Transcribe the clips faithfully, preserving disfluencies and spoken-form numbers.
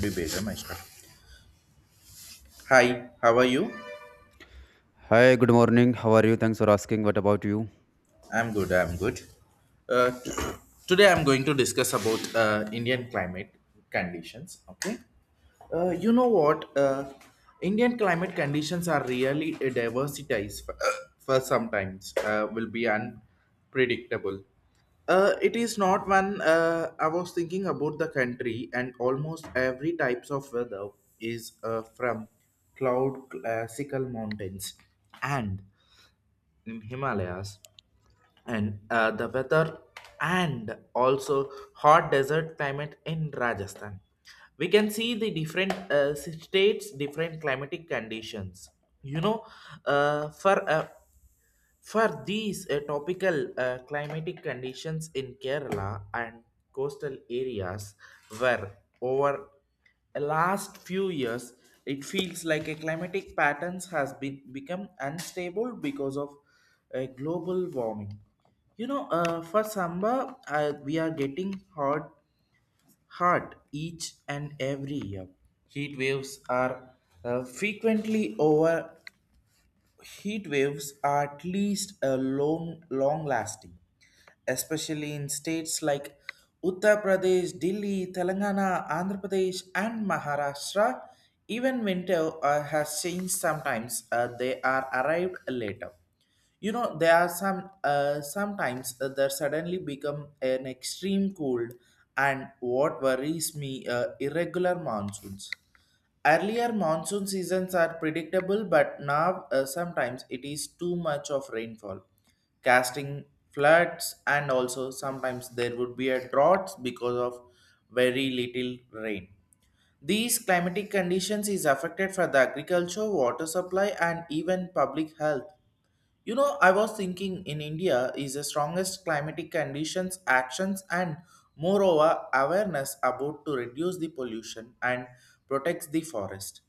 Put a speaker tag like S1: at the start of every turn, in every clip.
S1: Be better, my Hi, how are you?
S2: Hi, good morning. How are you? Thanks for asking. What about you?
S1: I'm good. I'm good. Uh, t- Today I'm going to discuss about uh, Indian climate conditions. Okay. Uh, you know what? Uh, Indian climate conditions are really uh, diversities for, for sometimes uh, will be unpredictable. Uh, it is not one. Uh, I was thinking about the country, and almost every types of weather is uh, from cloud classical mountains and in Himalayas and uh, the weather, and also hot desert climate in rajasthan. We can see the different uh, states different climatic conditions, you know uh, for a for these uh, topical uh, climatic conditions in Kerala and coastal areas. Were over the last few years, it feels like a climatic patterns has been become unstable because of uh, global warming. You know, uh, for summer, uh, we are getting hot, hot each and every year. Heat waves are uh, frequently over. Heat waves are at least a long, long lasting, especially in states like Uttar Pradesh, Delhi, Telangana, Andhra Pradesh, and Maharashtra. Even winter uh, has changed sometimes, uh, they are arrived later. You know, there are some uh, sometimes uh, they suddenly become an extreme cold, and what worries me uh, irregular monsoons. Earlier monsoon seasons are predictable, but now uh, sometimes it is too much of rainfall, casting floods, and also sometimes there would be a drought because of very little rain. These climatic conditions is affected for the agriculture, water supply, and even public health. You know, I was thinking in India is the strongest climatic conditions, actions, and moreover awareness about to reduce the pollution and protects the forest.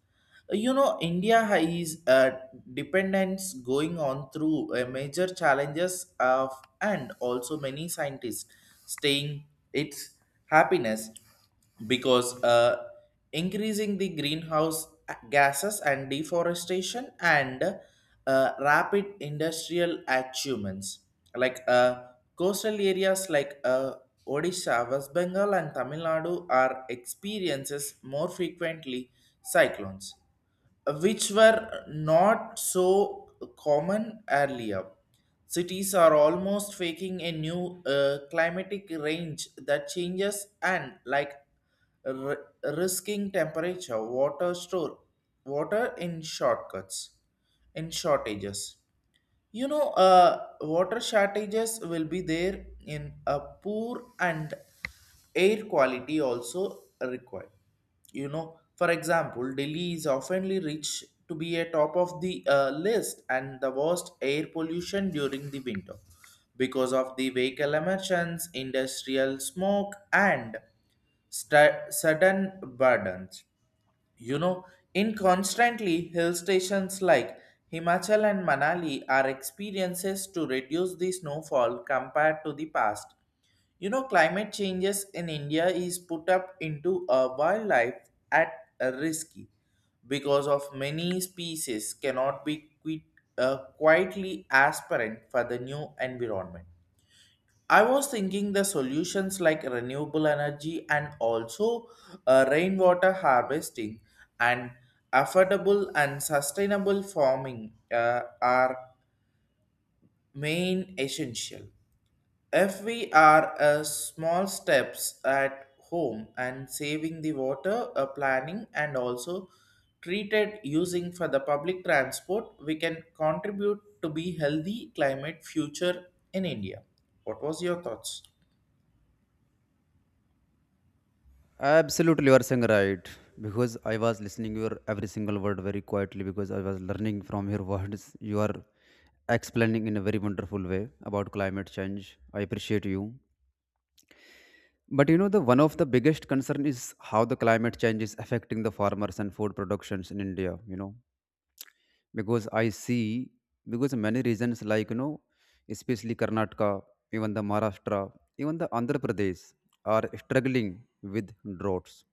S1: You know, India is uh, dependence going on through uh, major challenges of, and also many scientists staying its happiness because uh, increasing the greenhouse gases and deforestation and uh, rapid industrial achievements like uh, coastal areas like uh, Odisha, West Bengal, and Tamil Nadu are experiences more frequently cyclones, which were not so common earlier. Cities are almost faking a new uh, climatic range that changes and like r- risking temperature, water store, water in shortcuts, in shortages. You know, uh, water shortages will be there in a poor and air quality also required. You know, for example, Delhi is oftenly rich to be a top of the uh, list and the worst air pollution during the winter because of the vehicle emissions, industrial smoke, and stu- sudden burdens. You know, in constantly hill stations like Himachal and Manali are experiences to reduce the snowfall compared to the past. You know, climate changes in India is put up into a wildlife at a risky because of many species cannot be quit, uh, quietly aspirant for the new environment. I was thinking the solutions like renewable energy and also uh, rainwater harvesting and affordable and sustainable farming uh, are main essential. If we are uh, small steps at home and saving the water, uh, planning and also treated using for the public transport, we can contribute to be healthy climate future in India. What was your thoughts?
S2: Absolutely, you are saying right. Because I was listening your every single word very quietly because I was learning from your words. You are explaining in a very wonderful way about climate change. I appreciate you. But you know the one of the biggest concern is how the climate change is affecting the farmers and food productions in India, you know. because I see because many regions like you know, especially Karnataka, even the Maharashtra, even the Andhra Pradesh are struggling with droughts,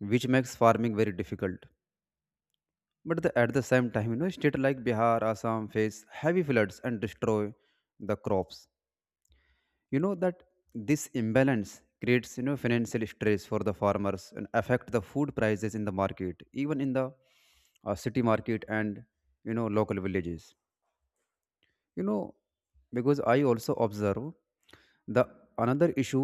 S2: which makes farming very difficult. But the, at the same time, you know, state like Bihar, Assam face heavy floods and destroy the crops. You know that this imbalance creates you know financial stress for the farmers and affect the food prices in the market, even in the uh, city market and you know local villages you know because I also observe the another issue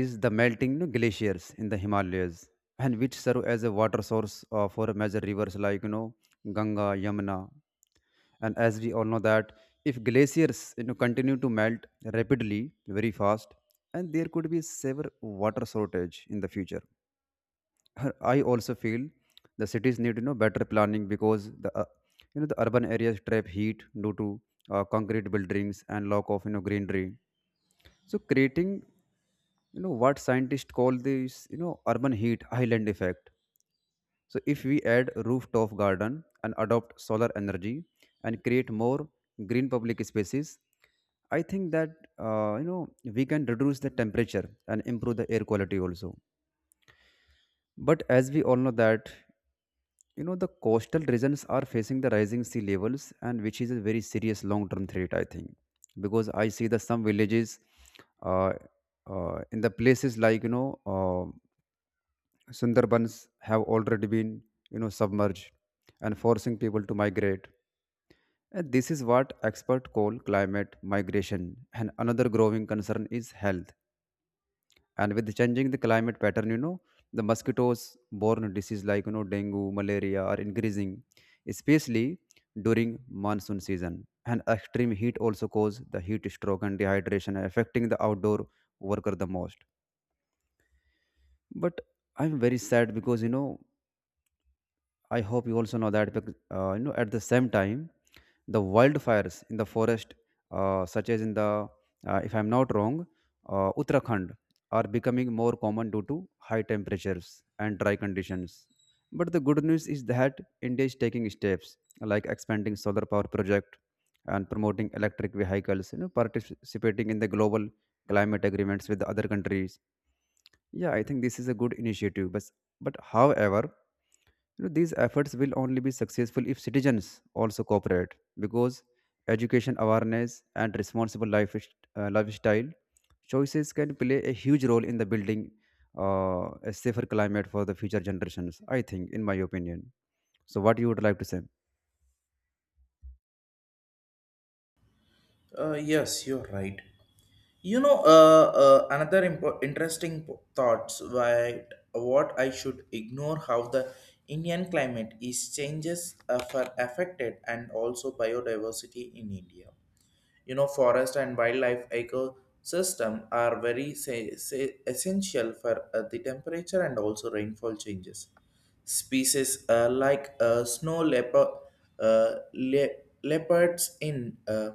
S2: is the melting you know, glaciers in the Himalayas and which serve as a water source uh, for major rivers like you know Ganga Yamuna. And as we all know that if glaciers you know continue to melt rapidly very fast, and there could be severe water shortage in the future. her- I also feel the cities need you know better planning because the uh, you know the urban areas trap heat due to uh, concrete buildings and lack of you know greenery. So creating you know what scientists call this you know urban heat island effect. So if we add rooftop garden and adopt solar energy and create more green public spaces, I think that uh, you know we can reduce the temperature and improve the air quality also. But as we all know that, you know, the coastal regions are facing the rising sea levels, and which is a very serious long-term threat, I think, because I see that some villages, uh, uh, in the places like you know, uh, Sundarbans have already been you know submerged, and forcing people to migrate. And this is what experts call climate migration, and another growing concern is health. And with changing the climate pattern you know the mosquitoes borne disease like you know dengue malaria are increasing, especially during monsoon season. And extreme heat also cause the heat stroke and dehydration affecting the outdoor worker the most. But I'm very sad because you know I hope you also know that bec- uh, you know at the same time, the wildfires in the forest, uh, such as in the uh, if I'm not wrong, uh, Uttarakhand are becoming more common due to high temperatures and dry conditions. But the good news is that India is taking steps like expanding solar power project and promoting electric vehicles, you know, participating in the global climate agreements with the other countries. Yeah, I think this is a good initiative. But but however, you know, these efforts will only be successful if citizens also cooperate because education awareness and responsible life, uh, lifestyle choices can play a huge role in the building uh, a safer climate for the future generations, I think, in my opinion. So what you would like to say?
S1: Uh, yes, you're right. You know, uh, uh, another impo- interesting po- thoughts why what I should ignore how the Indian climate is changes uh, for affected and also biodiversity in India. You know, forest and wildlife ecosystem are very say, say, essential for uh, the temperature and also rainfall changes. Species uh, like uh, snow leopard, uh, le- leopards in uh,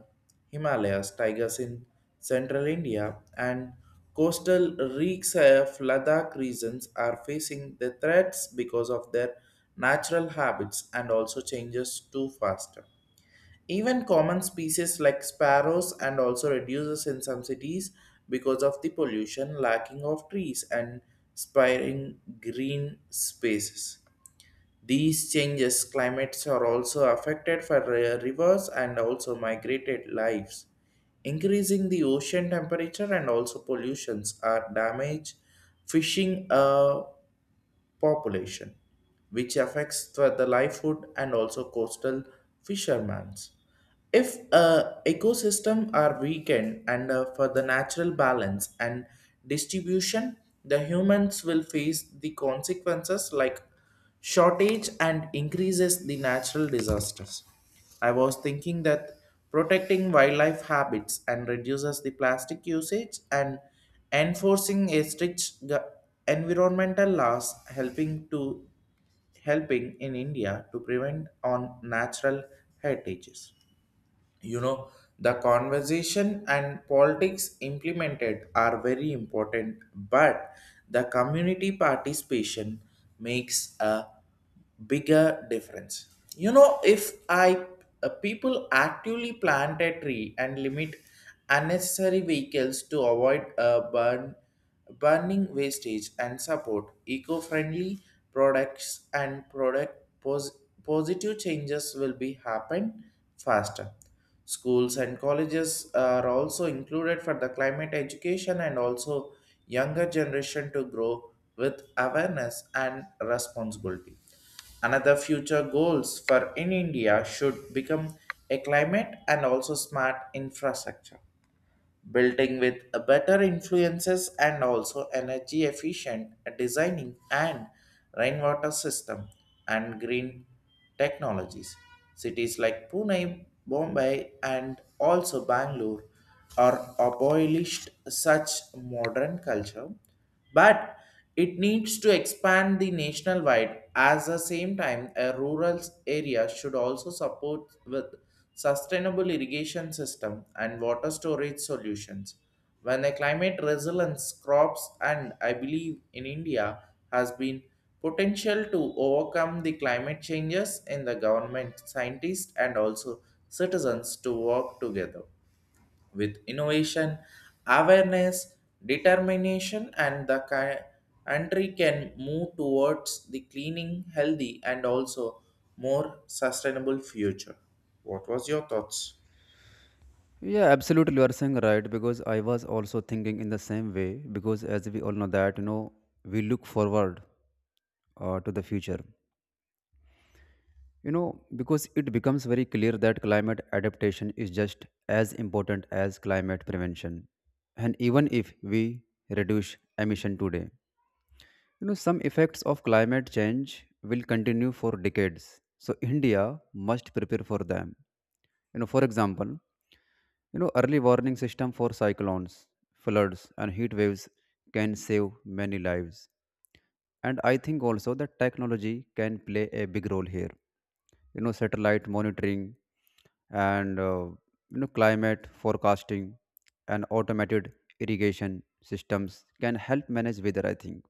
S1: Himalayas, tigers in central India, and coastal reeks of Ladakh regions are facing the threats because of their natural habits and also changes too fast. Even common species like sparrows and also reduces in some cities because of the pollution, lacking of trees and spiring green spaces. These changes climates are also affected for uh, rivers and also migrated lives. Increasing the ocean temperature and also pollutions are damage fishing uh, population, which affects the, the livelihood and also coastal fishermen. If uh, ecosystem are weakened and uh, for the natural balance and distribution, the humans will face the consequences like shortage and increases the natural disasters. I was thinking that protecting wildlife habits and reduces the plastic usage and enforcing a strict gu- environmental laws helping to helping in India to prevent on natural heritages. You know, the conversation and politics implemented are very important, but the community participation makes a bigger difference. You know, if I uh, people actively plant a tree and limit unnecessary vehicles to avoid a burn burning wastage and support eco-friendly products and product pos- positive changes will be happen faster. Schools and colleges are also included for the climate education and also younger generation to grow with awareness and responsibility. Another future goals for in India should become a climate and also smart infrastructure building with a better influences and also energy efficient designing and rainwater system and green technologies. Cities like Pune, Bombay, and also Bangalore are abolished such modern culture, but it needs to expand the national wide as the same time a rural area should also support with sustainable irrigation system and water storage solutions when a climate resilience crops. And I believe in India has been potential to overcome the climate changes in the government scientists and also citizens to work together with innovation, awareness, determination, and the ki- country can move towards the cleaning, healthy, and also more sustainable future. What was your thoughts?
S2: Yeah, absolutely, you are saying right, because I was also thinking in the same way because as we all know that you know we look forward uh, to the future. You know, because it becomes very clear that climate adaptation is just as important as climate prevention. And even if we reduce emission today, you know, some effects of climate change will continue for decades. So India must prepare for them. You know, for example, you know, early warning system for cyclones, floods and heat waves can save many lives. And I think also that technology can play a big role here. You know, satellite monitoring and uh, you know climate forecasting and automated irrigation systems can help manage weather, I think.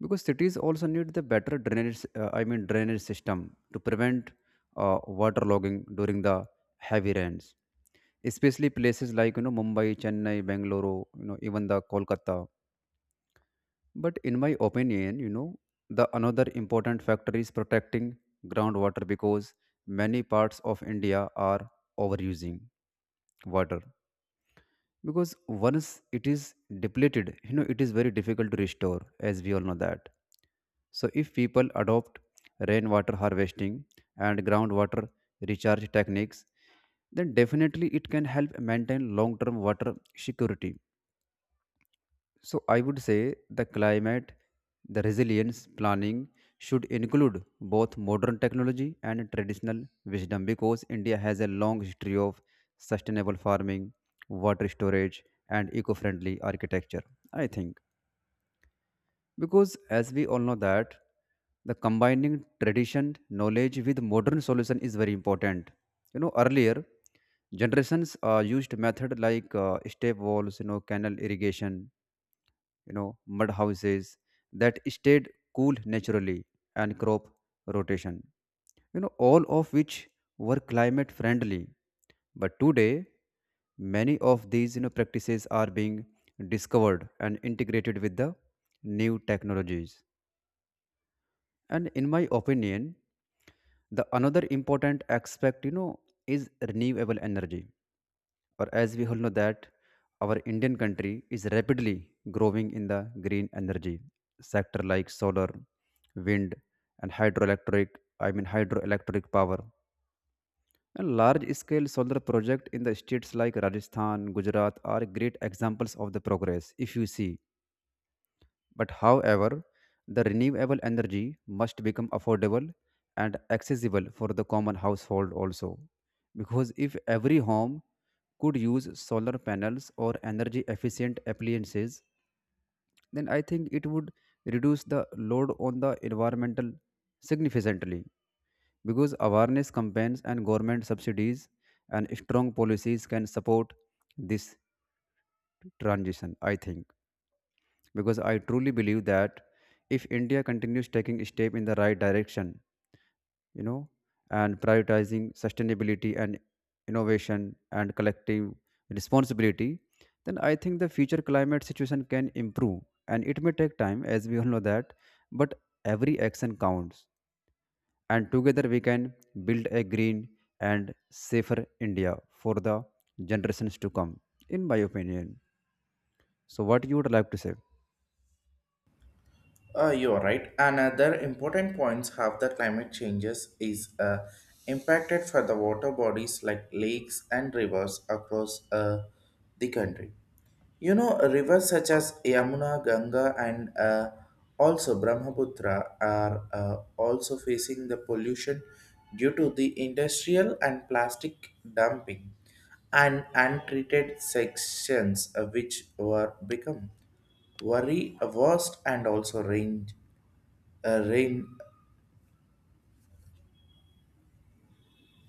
S2: Because cities also need the better drainage. Uh, I mean drainage system to prevent uh, water during the heavy rains. Especially places like you know Mumbai, Chennai, Bangalore, you know even the Kolkata. But in my opinion, you know, the another important factor is protecting groundwater because many parts of India are overusing water. Because once it is depleted, you know, it is very difficult to restore, as we all know that. So if people adopt rainwater harvesting and groundwater recharge techniques, then definitely it can help maintain long-term water security. So I would say the climate, the resilience planning should include both modern technology and traditional wisdom because India has a long history of sustainable farming, water storage and eco-friendly architecture, I think. Because as we all know that the combining tradition knowledge with modern solution is very important. You know earlier generations uh, used method like uh, step walls, you know canal irrigation, you know mud houses that stayed cool naturally and crop rotation, you know, all of which were climate friendly. But today many of these you know practices are being discovered and integrated with the new technologies. And in my opinion the another important aspect you know is renewable energy, or as we all know that our Indian country is rapidly growing in the green energy sector like solar, wind and hydroelectric. I mean hydroelectric power and large scale solar project in the states like Rajasthan Gujarat are great examples of the progress if you see. But however, the renewable energy must become affordable and accessible for the common household also. Because if every home could use solar panels or energy efficient appliances, then I think it would reduce the load on the environmental significantly. Because awareness campaigns and government subsidies and strong policies can support this transition, I think. Because I truly believe that if India continues taking step in the right direction, you know, and prioritizing sustainability and innovation and collective responsibility, then I think the future climate situation can improve. And it may take time, as we all know that, but every action counts. And together we can build a green and safer India for the generations to come, in my opinion. So, what you would like to say?
S1: Uh, you're right. Another important points have the climate changes is uh, impacted for the water bodies like lakes and rivers across uh, the country. You know, rivers such as Yamuna, Ganga, and uh, also Brahmaputra are uh, also facing the pollution due to the industrial and plastic dumping and untreated sections uh, which were become worry worst and also rain uh, rain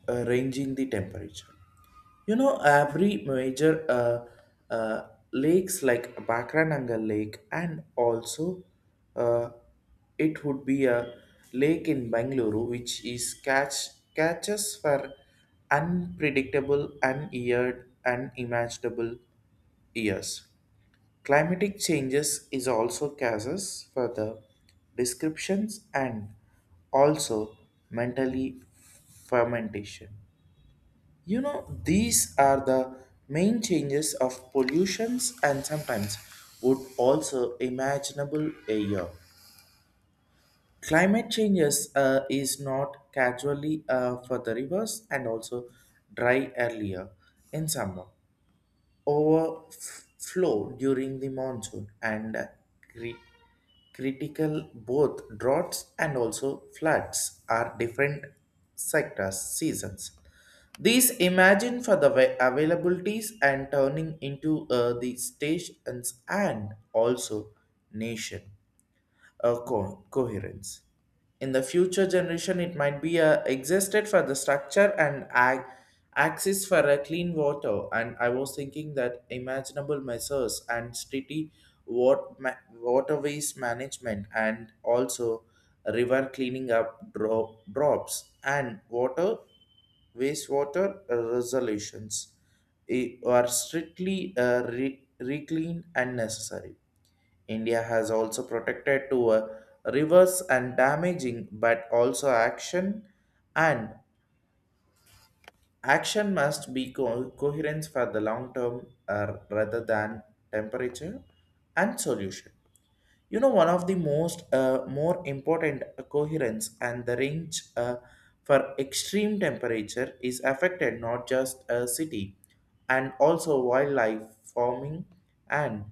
S1: uh, ranging the temperature. You know, every major uh, uh, lakes like Bakrananga Lake and also uh, it would be a lake in Bangalore which is catch catches for unpredictable, uneared, unimaginable years. Climatic changes is also causes for the descriptions and also mentally fermentation. You know, these are the main changes of pollutions and sometimes would also imaginable air. Climate changes uh, is not casually uh, for the rivers and also dry earlier in summer overflow during the monsoon and cri- critical both droughts and also floods are different sectors seasons. These imagine for the wa- availabilities and turning into uh, the stations and also nation uh, co- coherence. In the future generation, it might be uh, existed for the structure and ag- access for a clean water. And I was thinking that imaginable measures and city wat- ma- waterways management and also river cleaning up dro- drops and water wastewater uh, resolutions i- are strictly uh, re- reclaimed and necessary. India has also protected to uh, rivers and damaging, but also action and action must be co- coherence for the long term uh, rather than temperature and solution. You know, one of the most uh, more important coherence and the range uh, for extreme temperature is affected not just a city and also wildlife farming and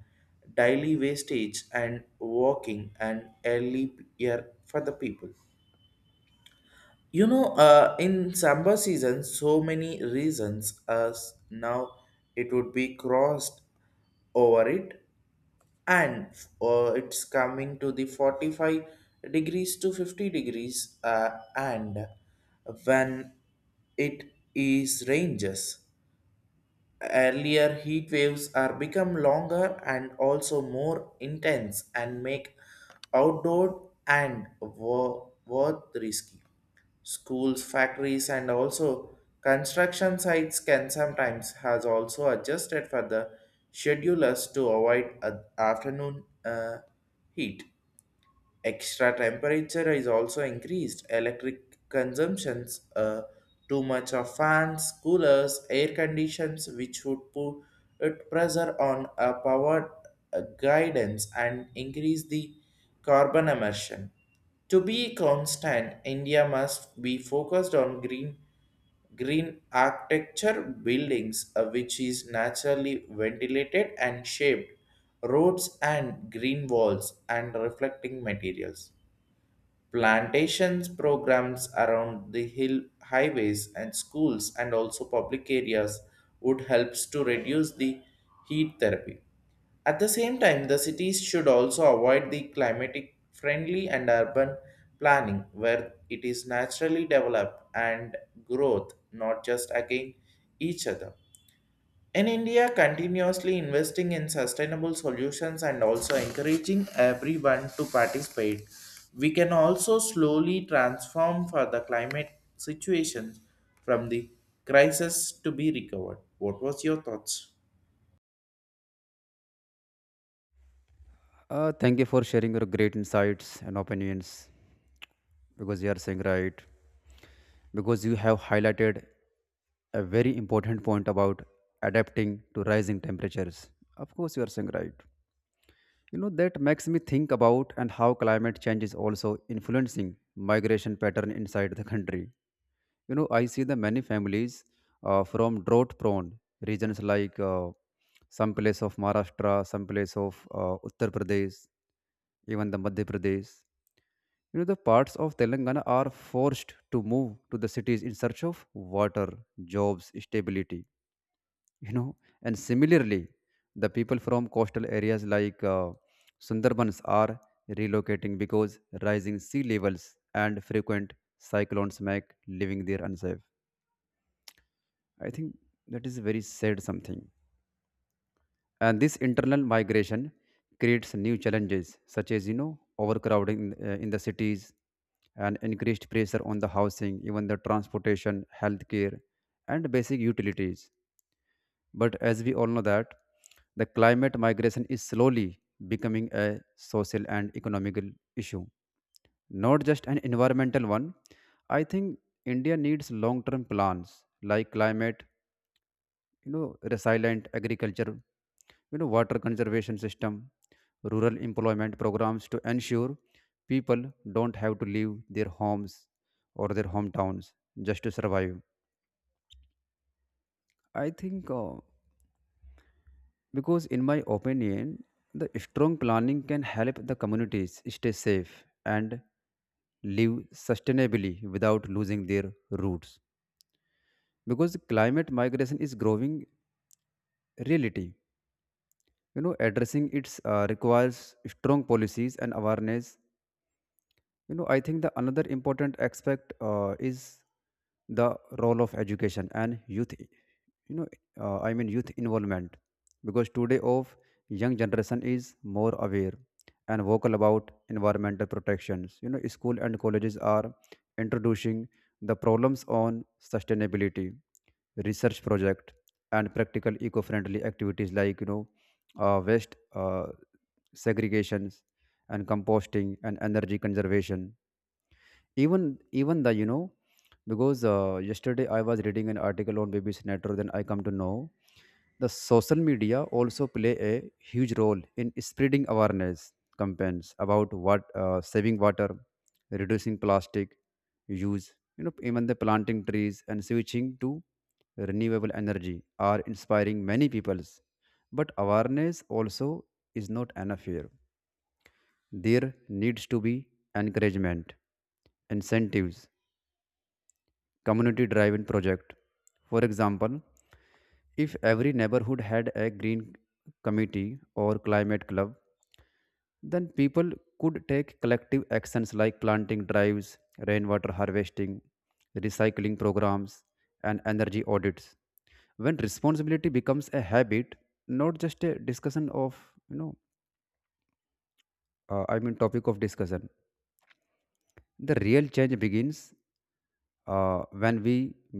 S1: daily wastage and walking and early year for the people. You know, uh, in summer season, so many reasons as now it would be crossed over it, and uh, it's coming to the forty-five degrees to fifty degrees uh, and when it is ranges earlier heat waves are become longer and also more intense and make outdoor and wo- worth risky. Schools, factories, and also construction sites can sometimes has also adjusted for the schedulers to avoid a- afternoon uh, heat. Extra temperature is also increased. Electric consumptions, uh, too much of fans, coolers, air conditions, which would put pressure on a power uh, guidance and increase the carbon emission. To be constant, India must be focused on green green architecture buildings uh, which is naturally ventilated and shaped roads and green walls and reflecting materials. Plantations programs around the hill highways and schools and also public areas would helps to reduce the heat therapy. At the same time, the cities should also avoid the climatic friendly and urban planning where it is naturally developed and growth, not just against each other. In India, continuously investing in sustainable solutions and also encouraging everyone to participate, we can also slowly transform for the climate situation from the crisis to be recovered. What was your thoughts?
S2: Uh, thank you for sharing your great insights and opinions because you are saying right. Because you have highlighted a very important point about adapting to rising temperatures. Of course, you are saying right. You know, that makes me think about and how climate change is also influencing migration pattern inside the country. You know I see the many families uh, from drought prone regions like uh, some place of Maharashtra, some place of uh, Uttar Pradesh, even the Madhya Pradesh, you know the parts of Telangana are forced to move to the cities in search of water, jobs stability, you know. And similarly, the people from coastal areas like uh, Sundarbans are relocating because rising sea levels and frequent cyclones make living there unsafe, I think. That is very sad something. And this internal migration creates new challenges such as you know overcrowding in, uh, in the cities, and increased pressure on the housing, even the transportation, healthcare, and basic utilities. But as we all know that the climate migration is slowly becoming a social and economical issue, not just an environmental one. I think India needs long-term plans like climate, you know, resilient agriculture, you know water conservation system, rural employment programs to ensure people don't have to leave their homes or their hometowns just to survive, I think. Uh, because in my opinion the strong planning can help the communities stay safe and live sustainably without losing their roots, because climate migration is growing reality. You know addressing it uh, requires strong policies and awareness. You know I think the another important aspect uh, is the role of education and youth. You know, uh, I mean youth involvement, because today of young generation is more aware and vocal about environmental protections. You know school and colleges are introducing the problems on sustainability, research project and practical eco-friendly activities like you know uh, waste uh, segregations and composting and energy conservation, even even the you know because uh, yesterday I was reading an article on B B C network, then I come to know the social media also play a huge role in spreading awareness campaigns about what uh, saving water, reducing plastic use, you know even the planting trees and switching to renewable energy are inspiring many peoples. But awareness also is not enough here. There needs to be encouragement, incentives, community driven project. For example, if every neighborhood had a green committee or climate club, then people could take collective actions like planting drives, rainwater harvesting, recycling programs, and energy audits. When responsibility becomes a habit, not just a discussion of, you know, uh, I mean, topic of discussion, the real change begins. Uh, when we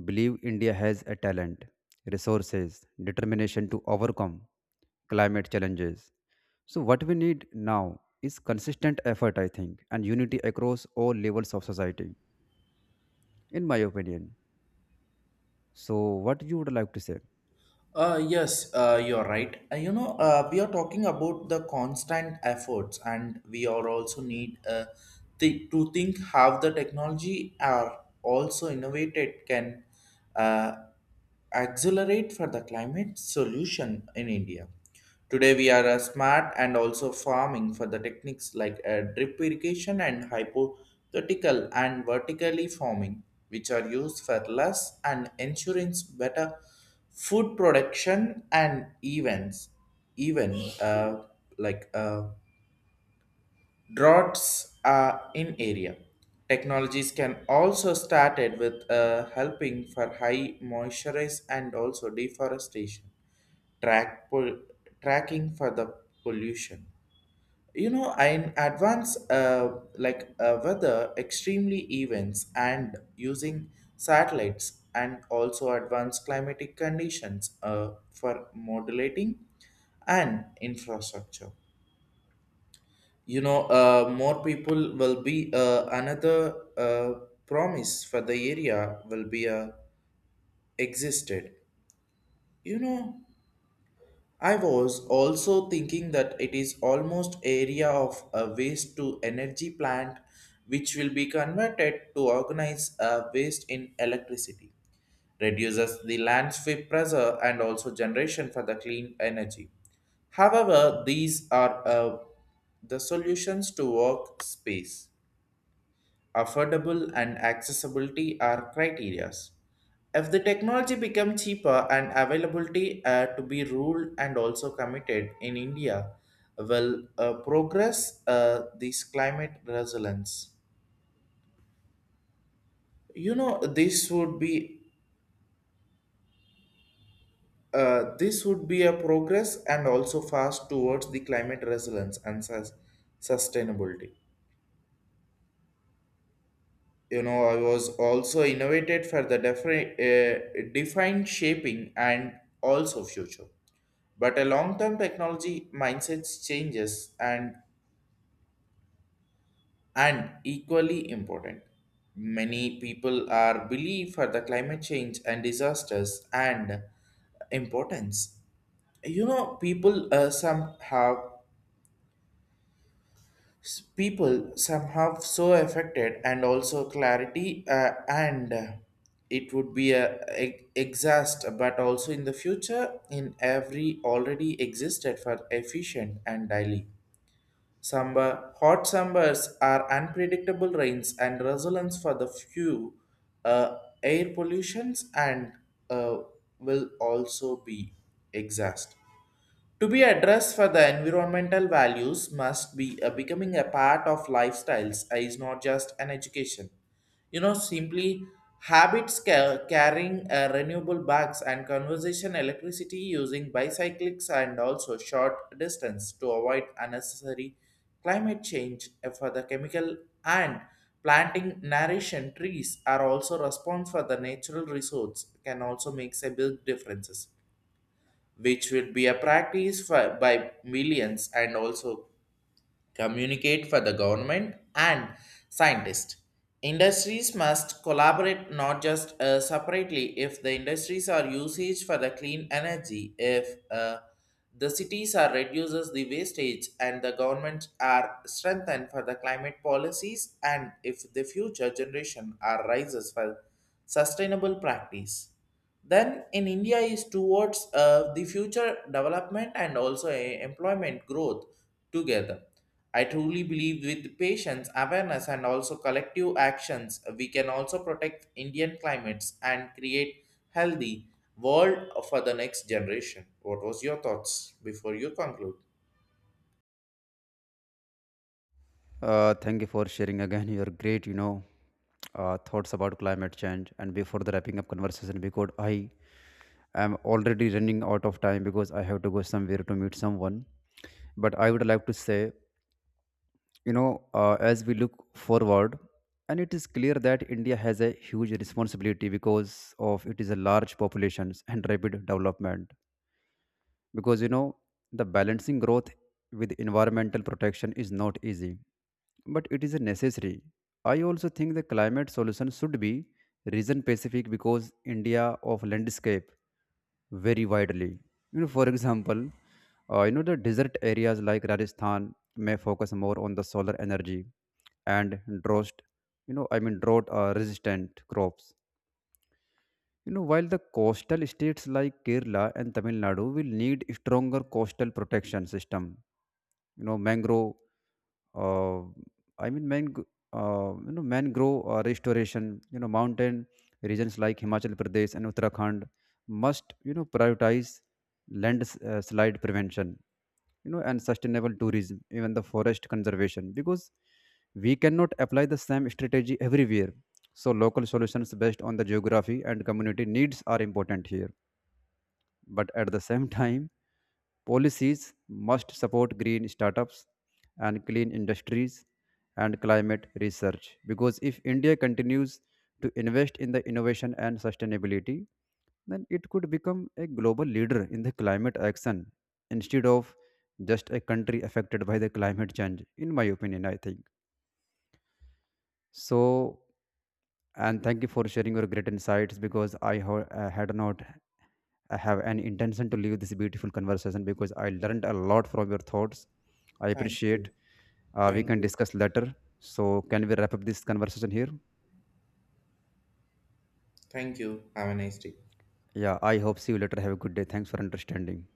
S2: believe India has a talent, resources, determination to overcome climate challenges. So, what we need now is consistent effort, I think, and unity across all levels of society, in my opinion. So, what you would like to say?
S1: Uh, yes, uh, you're right. Uh, you know, uh, we are talking about the constant efforts, and we are also need uh, th- to think how the technology are also innovated can uh, accelerate for the climate solution in India. Today we are uh, smart and also farming for the techniques like uh, drip irrigation and hypothetical and vertically farming, which are used for less and insurance better food production and events, even uh, like uh, droughts are in area. Technologies can also started with uh, helping for high moisturize and also deforestation, track pol- tracking for the pollution. You know, in advance, uh, like uh, weather extremely events and using satellites and also advanced climatic conditions uh, for modulating and infrastructure. You know, uh, more people will be uh, another uh, promise for the area will be uh, existed. You know, I was also thinking that it is almost area of a waste to energy plant which will be converted to organize a waste in electricity reduces the landscape pressure and also generation for the clean energy. However, these are uh, the solutions to work space affordable and accessibility are criteria. If the technology become cheaper and availability uh, to be ruled and also committed in India, will uh, progress uh, this climate resilience. You know, this would be uh, this would be a progress and also fast towards the climate resilience and sus- sustainability. You know, I was also innovated for the defi- uh, defined shaping and also future. But a long-term technology mindset changes and and equally important. Many people are believe for the climate change and disasters and importance. You know, people uh, somehow s- people somehow so affected and also clarity uh, and uh, it would be a, a exhaust but also in the future in every already existed for efficient and daily. Summer, hot summers are unpredictable rains and results for the few uh, air pollutions and uh, will also be exhaust. To be addressed for the environmental values must be uh, becoming a part of lifestyles uh, is not just an education. You know, simply habits ca- carrying uh, renewable bags and conversation electricity using bicycles and also short distance to avoid unnecessary climate change uh, for the chemical and planting nourishing trees are also response for the natural resource can also makes a big differences, which will be a practice for, by millions and also communicate for the government and scientists. Industries must collaborate not just uh, separately if the industries are usage for the clean energy, if uh, the cities are reduces the wastage and the governments are strengthened for the climate policies and if the future generation are rises for sustainable practice. Then in India is towards uh, the future development and also a- employment growth together. I truly believe with patience, awareness, and also collective actions, we can also protect Indian climates and create healthy world for the next generation. What was your thoughts before you conclude?
S2: Uh, thank you for sharing again your great, you know, uh, thoughts about climate change. And before the wrapping up conversation, because I am already running out of time because I have to go somewhere to meet someone. But I would like to say you know uh, as we look forward, and it is clear that India has a huge responsibility because of it is a large populations and rapid development. Because you know the balancing growth with environmental protection is not easy, but it is a necessary. I also think the climate solution should be region specific because India of landscape very widely. You know, for example, uh, you know the desert areas like Rajasthan may focus more on the solar energy and drought. You know, I mean drought uh, resistant crops. You know, while the coastal states like Kerala and Tamil Nadu will need stronger coastal protection system. You know, mangrove uh, I mean, man, g- uh, you know, mangrove uh, restoration, you know, mountain regions like Himachal Pradesh and Uttarakhand must, you know, prioritize land uh, slide prevention, you know, and sustainable tourism, even the forest conservation, because we cannot apply the same strategy everywhere. So local solutions based on the geography and community needs are important here, but at the same time, policies must support green startups and clean industries and climate research, because if India continues to invest in the innovation and sustainability, then it could become a global leader in the climate action instead of just a country affected by the climate change, in my opinion, I think. So, and thank you for sharing your great insights because I ho- uh, had not I have an intention to leave this beautiful conversation because I learned a lot from your thoughts. I
S1: Thank
S2: appreciate.
S1: you.
S2: Uh, we
S1: Thank
S2: can
S1: you.
S2: discuss later. So, can we wrap up this conversation here?
S1: Thank you. Have a nice day.
S2: Yeah, I hope see you later. Have a good day. Thanks for understanding.